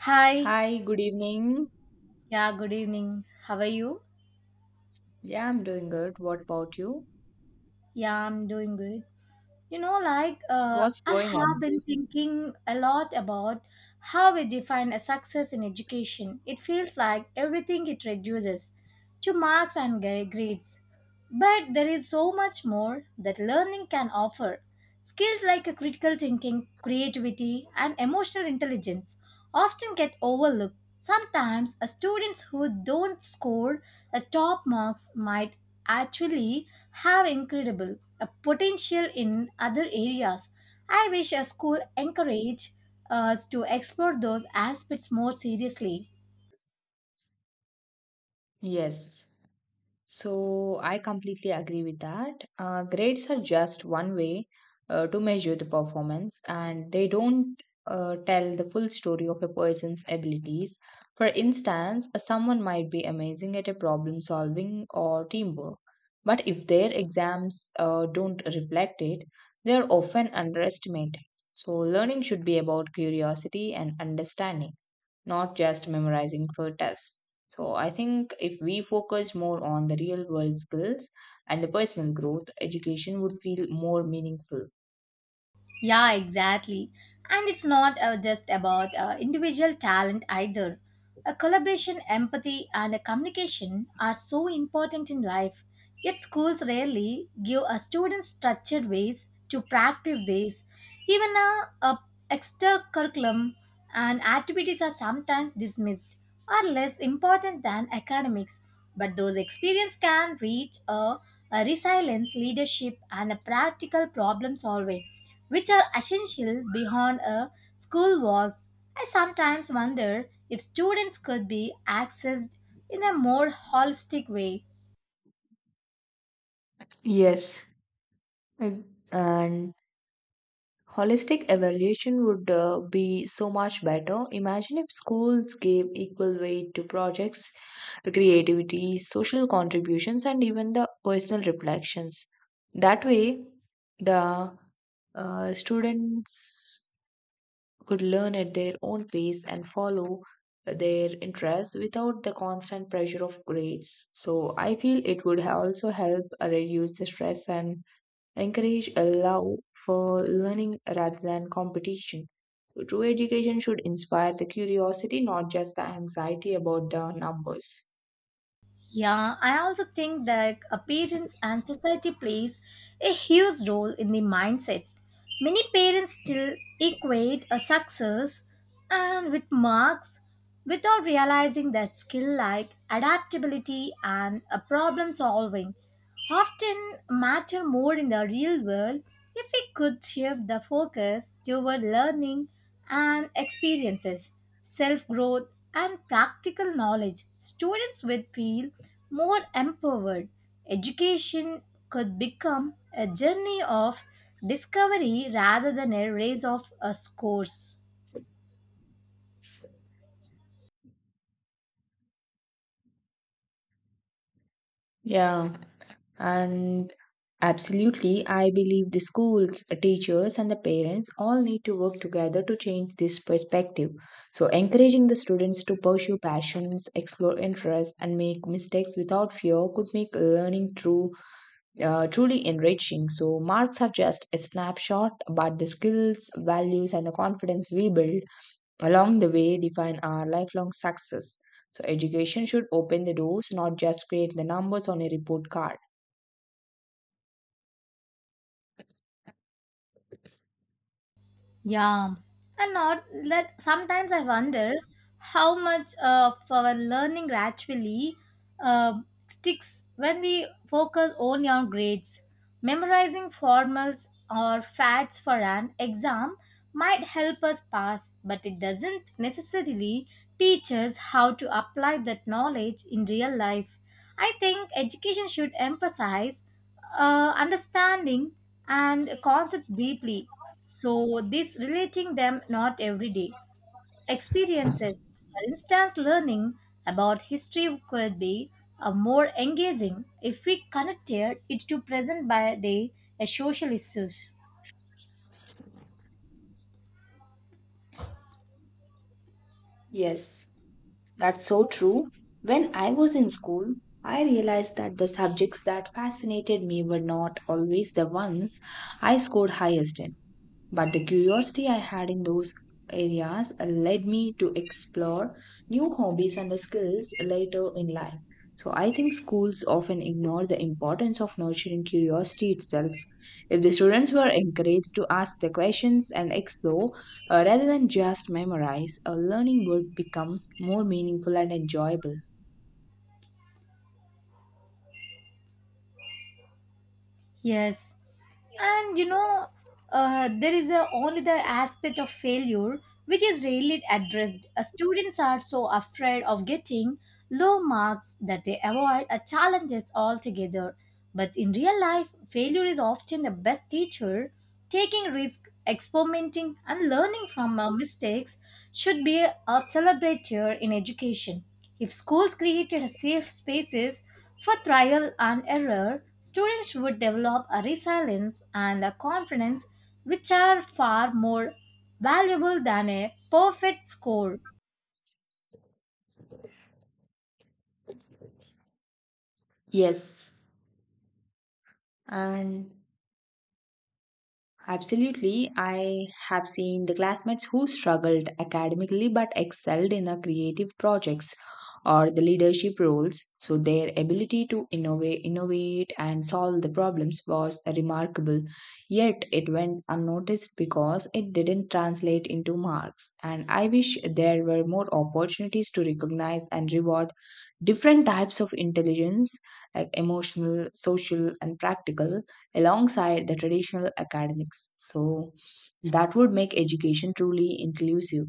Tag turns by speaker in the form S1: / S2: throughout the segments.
S1: Hi.
S2: Hi, good evening.
S1: Yeah, good evening. How are you?
S2: Yeah, I'm doing good. What about you?
S1: Yeah, I'm doing good.
S2: So what's
S1: I
S2: going
S1: have
S2: on?
S1: been thinking a lot about how we define a success in education. It feels like everything it reduces to marks and grades. But there is so much more that learning can offer. Skills like a critical thinking, creativity, and emotional intelligence often get overlooked. Sometimes, a students who don't score the top marks might actually have incredible potential in other areas. I wish a school encourage us to explore those aspects more seriously.
S2: Yes. So I completely agree with that. Grades are just one way to measure the performance, and they don't tell the full story of a person's abilities. For instance, someone might be amazing at a problem solving or teamwork, but if their exams don't reflect it, they are often underestimated. So learning should be about curiosity and understanding, not just memorizing for tests. So I think if we focus more on the real world skills and the personal growth, education would feel more meaningful.
S1: Yeah, exactly. And it's not just about individual talent either. A collaboration, empathy, and a communication are so important in life, yet schools rarely give a student structured ways to practice these. Even a extra curriculum and activities are sometimes dismissed or less important than academics. But those experience can reach a resilience, leadership, and a practical problem solving, which are essential beyond a school walls. I sometimes wonder if students could be accessed in a more holistic way.
S2: Yes, and and holistic evaluation would be so much better. Imagine if schools gave equal weight to projects, creativity, social contributions, and even the personal reflections. That way, the students could learn at their own pace and follow their interests without the constant pressure of grades. So I feel it would also help reduce the stress and encourage a love for learning rather than competition. So true education should inspire the curiosity, not just the anxiety about the numbers.
S1: Yeah, I also think that appearance and society plays a huge role in the mindset. Many parents still equate a success and with marks without realizing that skill like adaptability and a problem solving often matter more in the real world if we could shift the focus toward learning and experiences, self growth, and practical knowledge. Students would feel more empowered. Education could become a journey of discovery rather than a race of scores.
S2: Yeah. And absolutely, I believe the schools, teachers, and the parents all need to work together to change this perspective. So, encouraging the students to pursue passions, explore interests, and make mistakes without fear could make learning truly enriching. So, marks are just a snapshot, but the skills, values, and the confidence we build along the way define our lifelong success. So, education should open the doors, not just create the numbers on a report card.
S1: Yeah, and not that sometimes I wonder how much of our learning actually uh, sticks when we focus only on grades. Memorizing formals or facts for an exam might help us pass, but it doesn't necessarily teach us how to apply that knowledge in real life. I think education should emphasize understanding and concepts deeply. So, this relating them not everyday experiences. For instance, learning about history could be more engaging if we connected it to present by day social issues.
S2: Yes, that's so true. When I was in school, I realized that the subjects that fascinated me were not always the ones I scored highest in. But the curiosity I had in those areas led me to explore new hobbies and the skills later in life. So I think schools often ignore the importance of nurturing curiosity itself. If the students were encouraged to ask the questions and explore rather than just memorize, learning would become more meaningful and enjoyable.
S1: Yes, and you know, there is a, only the aspect of failure which is rarely addressed. Students are so afraid of getting low marks that they avoid challenges altogether. But in real life, failure is often the best teacher. Taking risks, experimenting, and learning from our mistakes should be a celebrator in education. If schools created safe spaces for trial and error, students would develop a resilience and a confidence which are far more valuable than a perfect score.
S2: Yes, and absolutely. I have seen the classmates who struggled academically but excelled in the creative projects or the leadership roles. So their ability to innovate and solve the problems was remarkable. Yet it went unnoticed because it didn't translate into marks. And I wish there were more opportunities to recognize and reward different types of intelligence like emotional, social and practical alongside the traditional academics. So that would make education truly inclusive.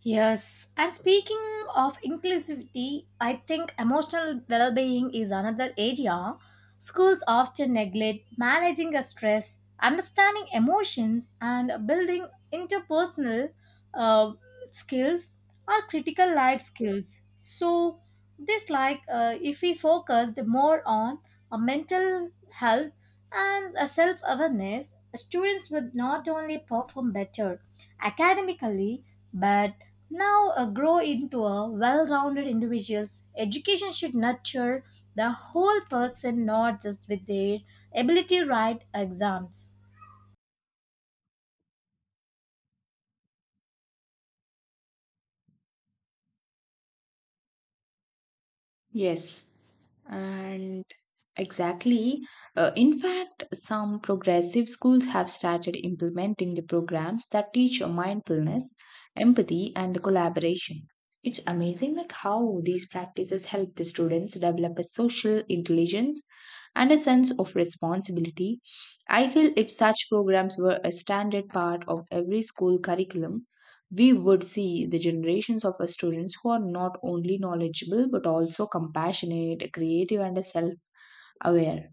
S1: Yes, and speaking of inclusivity, I think emotional well being is another area schools often neglect managing a stress, understanding emotions, and building interpersonal uh, skills are critical life skills. So, this, if we focused more on a mental health and a self awareness, students would not only perform better academically but now grow into a well-rounded individuals education should nurture the whole person not just with their ability to write exams.
S2: Yes, and exactly. In fact, some progressive schools have started implementing the programs that teach mindfulness, empathy, and the collaboration. It's amazing like how these practices help the students develop a social intelligence and a sense of responsibility. I feel if such programs were a standard part of every school curriculum, we would see the generations of our students who are not only knowledgeable but also compassionate, creative, and self aware.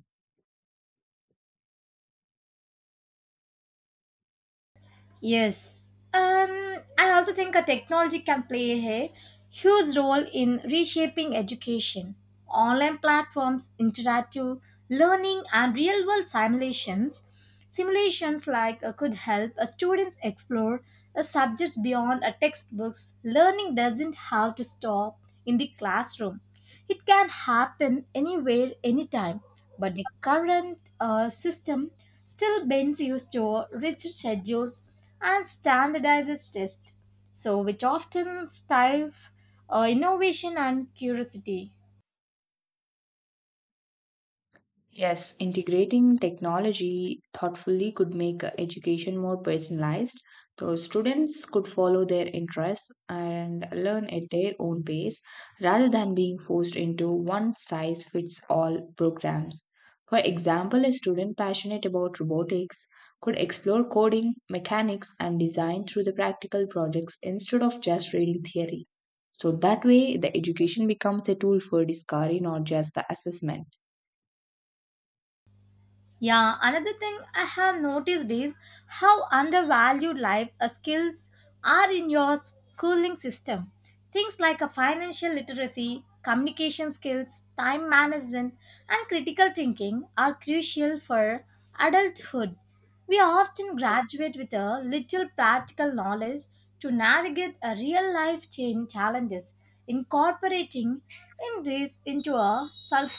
S1: Yes. I also think a technology can play a huge role in reshaping education. Online platforms, interactive learning, and real world simulations. Simulations like could help students explore subjects beyond a textbooks. Learning doesn't have to stop in the classroom. It can happen anywhere, anytime. But the current system still bends you to rigid schedules and standardizes tests, so which often stifle innovation and curiosity.
S2: Yes, integrating technology thoughtfully could make education more personalized. So students could follow their interests and learn at their own pace rather than being forced into one size fits all programs. For example, a student passionate about robotics could explore coding, mechanics, and design through the practical projects instead of just reading theory. So that way, the education becomes a tool for discovery, not just the assessment.
S1: Yeah, another thing I have noticed is how undervalued life skills are in your schooling system. Things like a financial literacy, communication skills, time management, and critical thinking are crucial for adulthood. We often graduate with a little practical knowledge to navigate a real life change challenges. Incorporating in this into a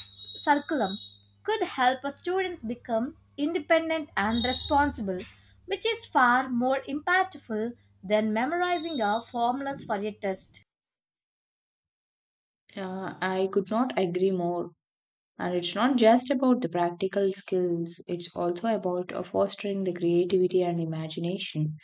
S1: curriculum could help our students become independent and responsible, which is far more impactful than memorizing our formulas for a test.
S2: I could not agree more. And it's not just about the practical skills, it's also about fostering the creativity and imagination,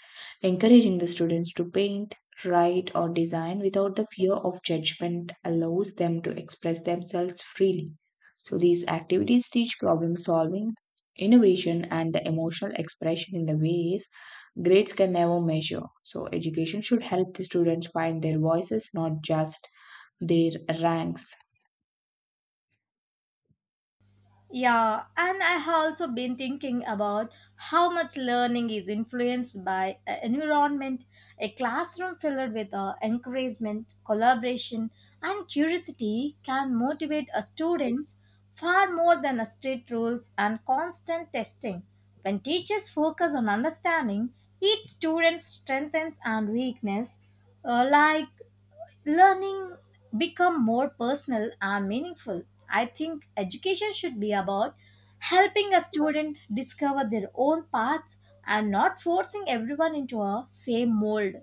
S2: encouraging the students to paint, write, or design without the fear of judgment allows them to express themselves freely. So, these activities teach problem solving, innovation, and the emotional expression in the ways grades can never measure. So, education should help the students find their voices, not just their ranks.
S1: Yeah, and I have also been thinking about how much learning is influenced by a environment, a classroom filled with encouragement, collaboration, and curiosity can motivate a students far more than a strict rules and constant testing. When teachers focus on understanding each student's strengths and weakness, uh, like learning become more personal and meaningful. I think education should be about helping a student discover their own paths and not forcing everyone into a same mold.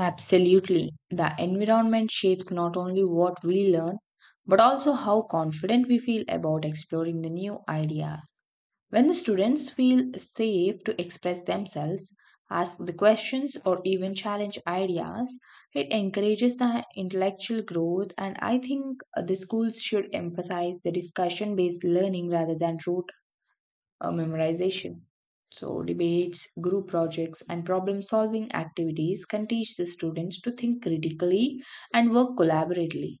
S2: Absolutely. The environment shapes not only what we learn, but also how confident we feel about exploring the new ideas. When the students feel safe to express themselves, ask the questions, or even challenge ideas, it encourages the intellectual growth. And I think the schools should emphasize the discussion based learning rather than rote memorization. So, debates, group projects, and problem solving activities can teach the students to think critically and work collaboratively.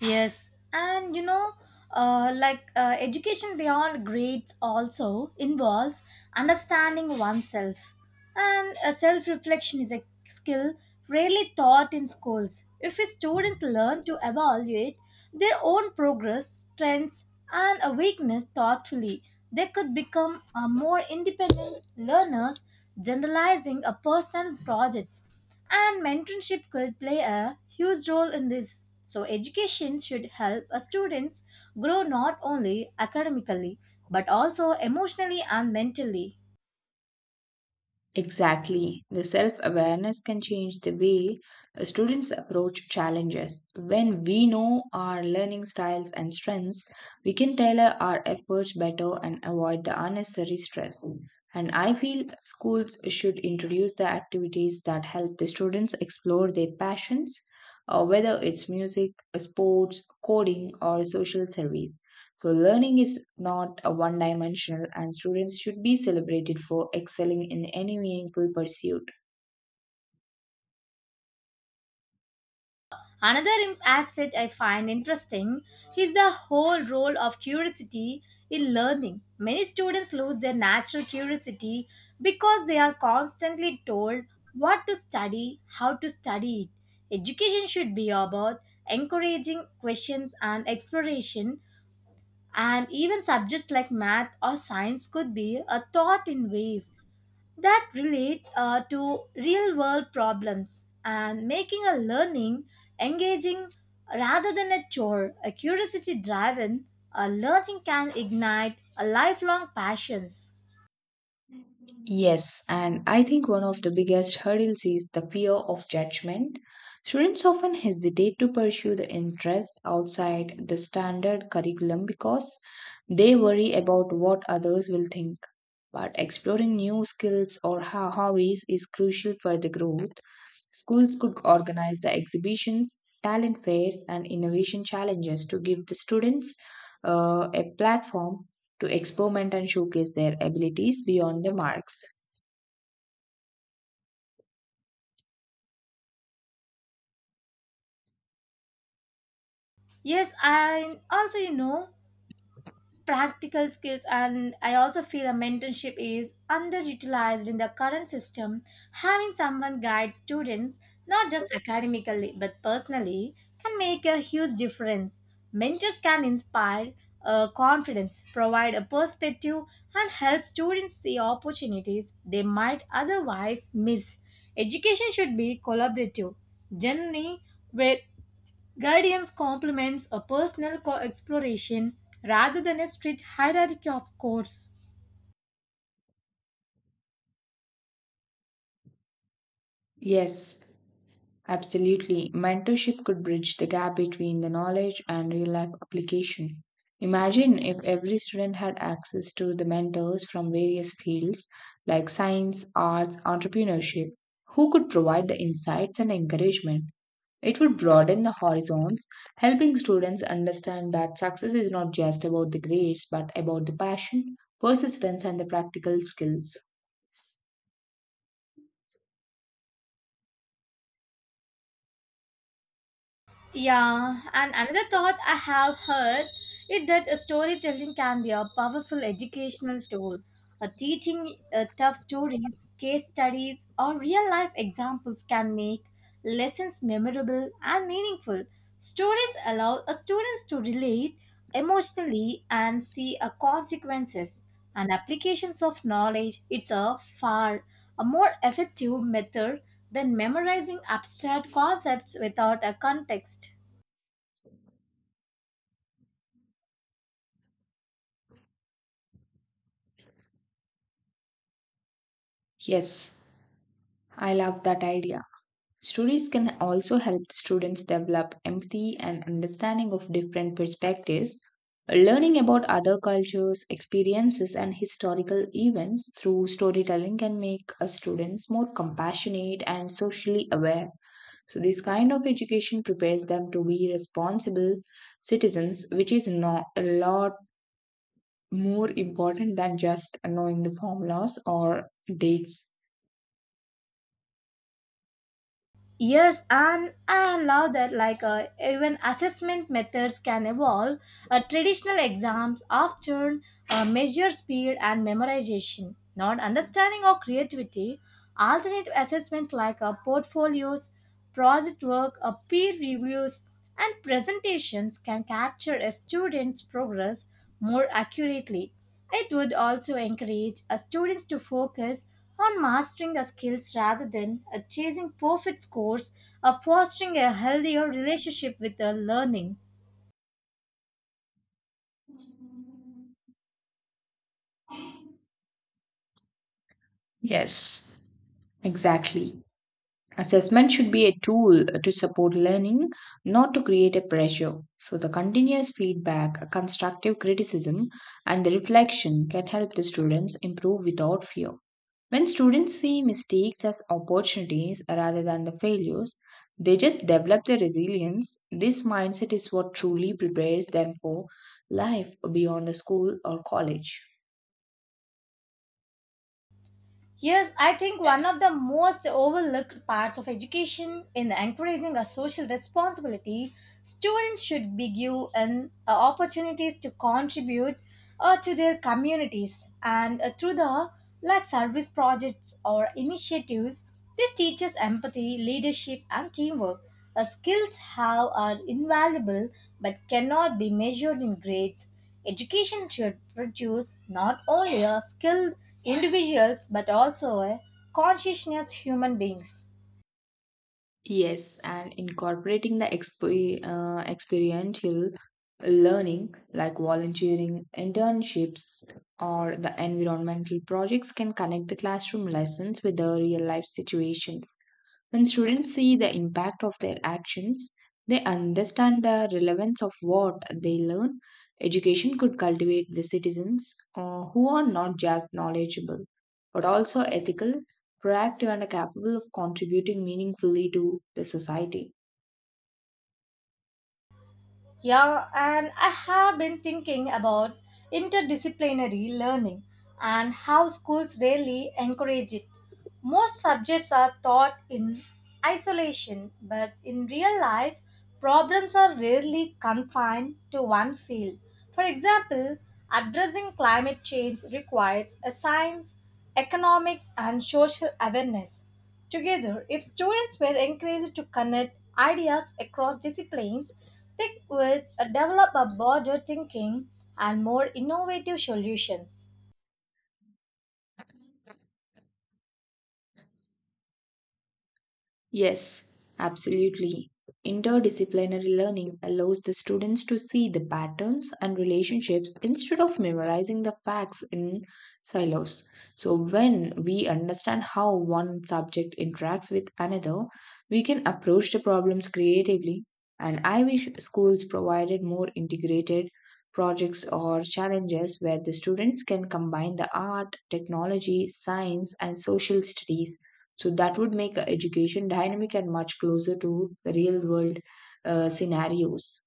S1: Yes, and you know, education beyond grades also involves understanding oneself, and self reflection is a skill rarely taught in schools. If students learn to evaluate their own progress, strengths, and a weakness thoughtfully, they could become more independent learners, generalizing a personal projects. And mentorship could play a huge role in this. So, education should help a students grow not only academically but also emotionally and mentally.
S2: Exactly. The self awareness can change the way students approach challenges. When we know our learning styles and strengths, we can tailor our efforts better and avoid the unnecessary stress. And I feel schools should introduce the activities that help the students explore their passions, whether it's music, sports, coding, or social service. So, learning is not a one dimensional, and students should be celebrated for excelling in any meaningful pursuit.
S1: Another aspect I find interesting is the whole role of curiosity in learning. Many students lose their natural curiosity because they are constantly told what to study, how to study it. Education should be about encouraging questions and exploration. And even subjects like math or science could be taught in ways that relate to real world problems and making a learning engaging rather than a chore. A curiosity driven learning can ignite a lifelong passions.
S2: Yes, and I think one of the biggest hurdles is the fear of judgment. Students often hesitate to pursue the interests outside the standard curriculum because they worry about what others will think. But exploring new skills or hobbies is crucial for the growth. Schools could organize the exhibitions, talent fairs, and innovation challenges to give the students a platform to experiment and showcase their abilities beyond the marks.
S1: Yes, I also, you know, practical skills and I also feel a mentorship is underutilized in the current system having someone guide students not just academically but personally can make a huge difference mentors can inspire confidence provide a perspective and help students see opportunities they might otherwise miss education should be collaborative generally where guidance complements a personal exploration rather than a strict hierarchy of course.
S2: Yes, absolutely. Mentorship could bridge the gap between the knowledge and real life application. Imagine if every student had access to the mentors from various fields like science, arts, entrepreneurship, who could provide the insights and encouragement. It would broaden the horizons, helping students understand that success is not just about the grades but about the passion, persistence, and the practical skills.
S1: Yeah, and another thought I have heard is that a storytelling can be a powerful educational tool. A teaching tough stories, case studies, or real life examples can make lessons memorable and meaningful. Stories allow a students to relate emotionally and see a consequences and applications of knowledge. It's a far a more effective method than memorizing abstract concepts without a context.
S2: Yes, I love that idea. Stories can also help the students develop empathy and understanding of different perspectives. Learning about other cultures, experiences, and historical events through storytelling can make us students more compassionate and socially aware. So, this kind of education prepares them to be responsible citizens, which is not a lot more important than just knowing the formulas or dates.
S1: Yes, and I love that even assessment methods can evolve. Traditional exams often measure speed and memorization, not understanding or creativity. Alternative assessments like portfolios, project work, peer reviews, and presentations can capture a student's progress more accurately. It would also encourage students to focus on mastering the skills rather than chasing perfect scores, fostering a healthier relationship with the learning.
S2: Yes. Exactly. Assessment should be a tool to support learning, not to create a pressure. So, the continuous feedback, constructive criticism, and the reflection can help the students improve without fear. When students see mistakes as opportunities rather than the failures, they just develop their resilience. This mindset is what truly prepares them for life beyond the school or college.
S1: Yes, I think one of the most overlooked parts of education in encouraging a social responsibility, students should be given opportunities to contribute to their communities and through the like service projects or initiatives. This teaches empathy, leadership, and teamwork. Skills have are invaluable but cannot be measured in grades. Education should produce not only a skilled individuals but also a conscientious human beings.
S2: Yes, and incorporating the experiential learning like volunteering, internships, or the environmental projects can connect the classroom lessons with the real life situations. When students see the impact of their actions, they understand the relevance of what they learn. Education could cultivate the citizens who are not just knowledgeable, but also ethical, proactive, and capable of contributing meaningfully to the society.
S1: Yeah, and I have been thinking about interdisciplinary learning and how schools rarely encourage it. Most subjects are taught in isolation, but in real life, problems are rarely confined to one field. For example, addressing climate change requires a science, economics, and social awareness. Together, if students were encouraged to connect ideas across disciplines, stick with a develop a border thinking and more innovative solutions.
S2: Yes, absolutely. Interdisciplinary learning allows the students to see the patterns and relationships instead of memorizing the facts in silos. So, when we understand how one subject interacts with another, we can approach the problems creatively. And I wish schools provided more integrated projects or challenges where the students can combine the art, technology, science, and social studies, so that would make education dynamic and much closer to the real world scenarios.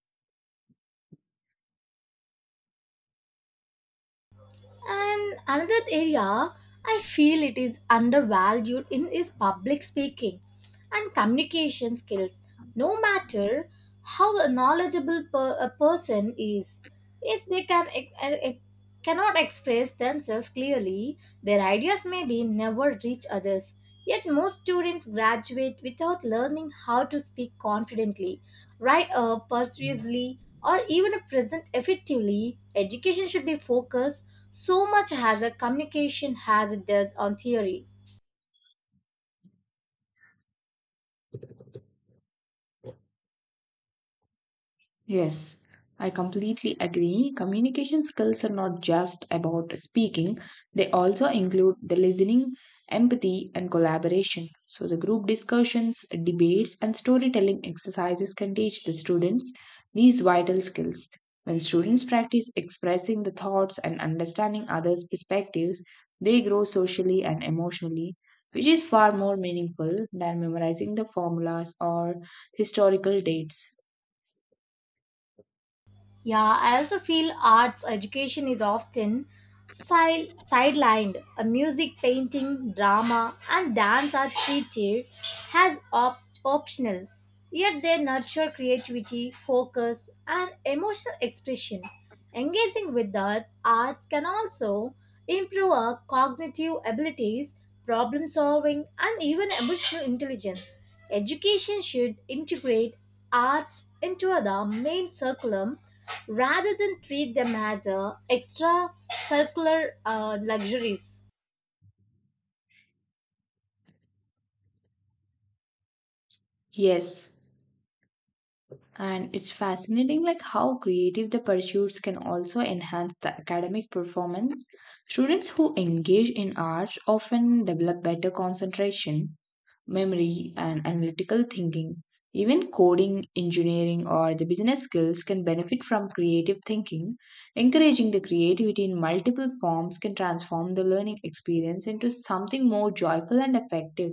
S1: And another area I feel it is undervalued in is public speaking and communication skills. No matter how a knowledgeable a person is, if they can cannot express themselves clearly, their ideas may be never reach others. Yet most students graduate without learning how to speak confidently, write persuasively, or even present effectively. Education should be focused so much has a communication as it does on theory.
S2: Yes, I completely agree. Communication skills are not just about speaking, they also include the listening, empathy, and collaboration. So, the group discussions, debates, and storytelling exercises can teach the students these vital skills. When students practice expressing the thoughts and understanding others' perspectives, they grow socially and emotionally, which is far more meaningful than memorizing the formulas or historical dates.
S1: Yeah, I also feel arts education is often sidelined. A music, painting, drama, and dance are treated as optional, yet they nurture creativity, focus, and emotional expression. Engaging with the arts can also improve our cognitive abilities, problem solving, and even emotional intelligence. Education should integrate arts into the main curriculum rather than treat them as extra circular luxuries.
S2: Yes, and it's fascinating like how creative the pursuits can also enhance the academic performance. Students who engage in arts often develop better concentration, memory and analytical thinking. Even coding, engineering or the business skills can benefit from creative thinking. Encouraging the creativity in multiple forms can transform the learning experience into something more joyful and effective.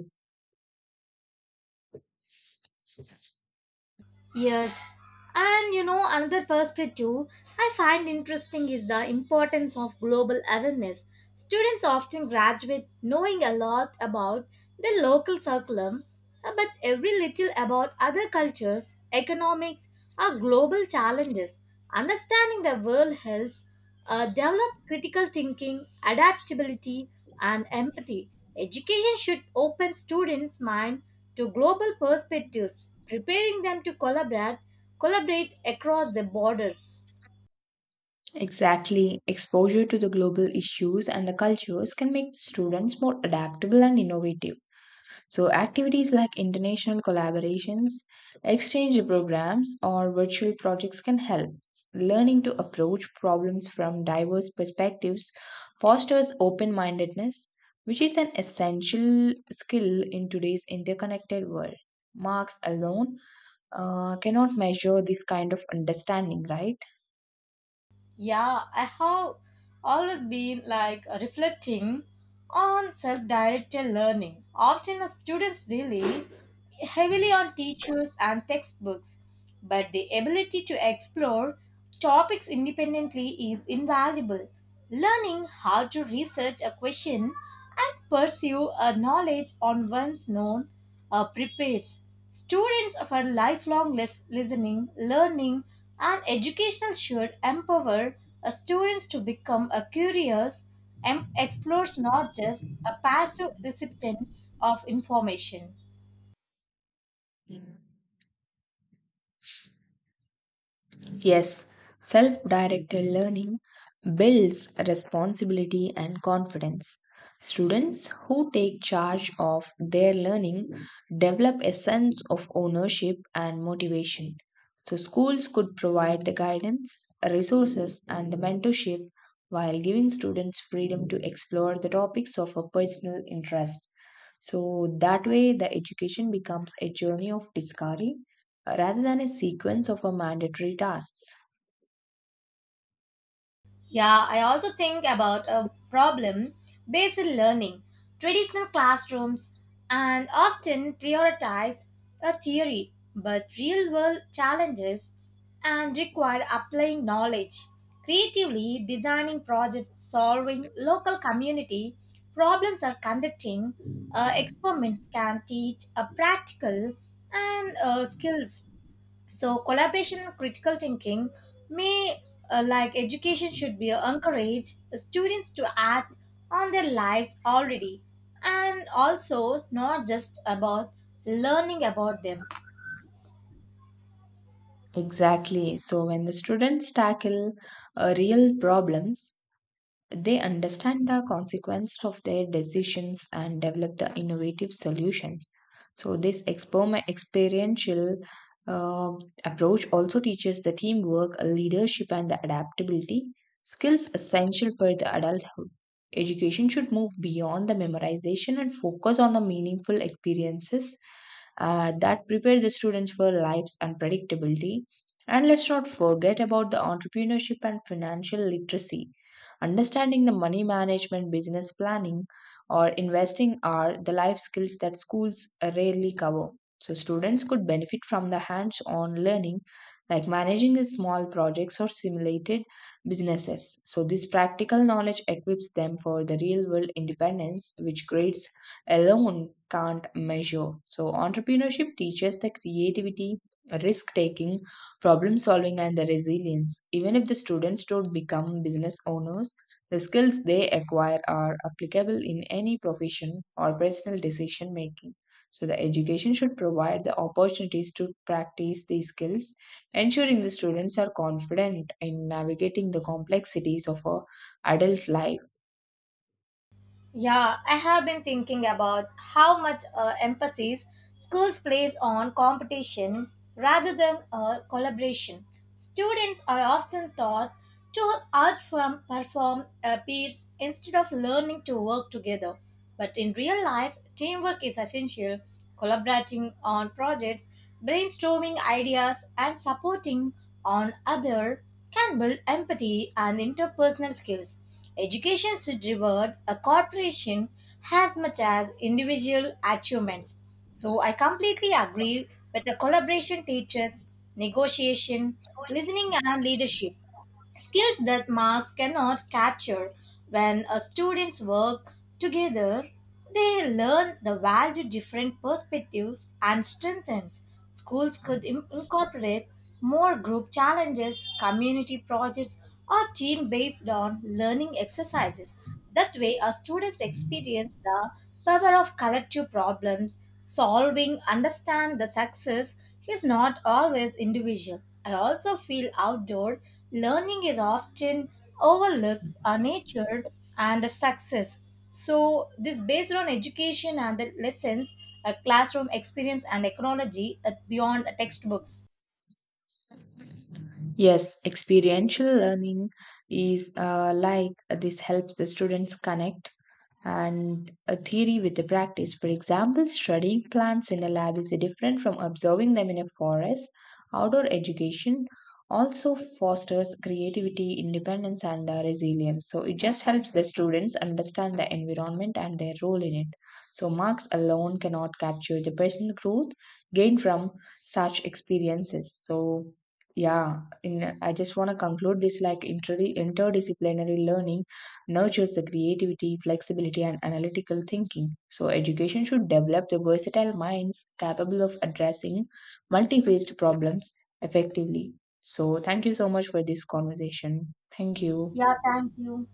S1: Yes. And you know, another perspective I find interesting is the importance of global awareness. Students often graduate knowing a lot about their local curriculum, but every little about other cultures, economics, or global challenges. Understanding the world helps develop critical thinking, adaptability, and empathy. Education should open students' mind to global perspectives, preparing them to collaborate across the borders.
S2: Exactly. Exposure to the global issues and the cultures can make students more adaptable and innovative. So, activities like international collaborations, exchange programs, or virtual projects can help. Learning to approach problems from diverse perspectives fosters open mindedness, which is an essential skill in today's interconnected world. Marks alone cannot measure this kind of understanding, right?
S1: Yeah, I have always been like reflecting on self directed learning. Often, students rely heavily on teachers and textbooks, but the ability to explore topics independently is invaluable. Learning how to research a question and pursue a knowledge on one's own prepares students for lifelong listening, learning, and educational should empower students to become a curious and explorers, not just a passive recipients of information.
S2: Yes, self directed learning builds responsibility and confidence. Students who take charge of their learning develop a sense of ownership and motivation. So, schools could provide the guidance, resources, and the mentorship while giving students freedom to explore the topics of a personal interest. So, that way, the education becomes a journey of discovery rather than a sequence of a mandatory tasks.
S1: Yeah, I also think about a problem based learning. Traditional classrooms and often prioritize a theory, but real world challenges and require applying knowledge, creatively designing projects, solving local community problems, or conducting experiments can teach a practical and skills so collaboration and critical thinking may education should be encourage students to act on their lives already and also not just about learning about them.
S2: Exactly. So when the students tackle real problems, they understand the consequence of their decisions and develop the innovative solutions. So, this experiential uh, approach also teaches the teamwork, leadership, and the adaptability skills essential for the adulthood. Education should move beyond the memorization and focus on the meaningful experiences that prepare the students for life's unpredictability. And let's not forget about the entrepreneurship and financial literacy. Understanding the money management, business planning, or investing are the life skills that schools rarely cover. So, students could benefit from the hands on learning like managing the small projects or simulated businesses. So, this practical knowledge equips them for the real world independence, which grades alone can't measure. So, entrepreneurship teaches the creativity, risk taking, problem solving and the resilience. Even if the students don't become business owners, the skills they acquire are applicable in any profession or personal decision making. So, the education should provide the opportunities to practice these skills, ensuring the students are confident in navigating the complexities of a adult life.
S1: Yeah, I have been thinking about how much emphasis schools place on competition rather than collaboration. Students are often taught to outperform perform peers instead of learning to work together. But in real life, teamwork is essential. Collaborating on projects, brainstorming ideas, and supporting on other can build empathy and interpersonal skills. Education should reward a corporation as much as individual achievements. So I completely agree with the collaboration teachers, negotiation, listening and leadership skills that marks cannot capture. When students work together, they learn the value different perspectives and strengthens. Schools could incorporate more group challenges, community projects, or team based on learning exercises. That way, our students experience the power of collective problems, solving, understand the success, is not always individual. I also feel outdoor learning is often overlooked, unnatured, and a success. So, this based on education and the lessons, a classroom experience, and technology beyond textbooks.
S2: Yes, experiential learning is like this helps the students connect and a theory with the practice. For example, studying plants in a lab is different from observing them in a forest. Outdoor education also fosters creativity, independence, and resilience. So it just helps the students understand the environment and their role in it. So marks alone cannot capture the personal growth gained from such experiences. So yeah, in, I just want to conclude this like interdisciplinary learning nurtures the creativity, flexibility, and analytical thinking. So, education should develop the versatile minds capable of addressing multi-faced problems effectively. So, thank you so much for this conversation. Thank you.
S1: Yeah, thank you.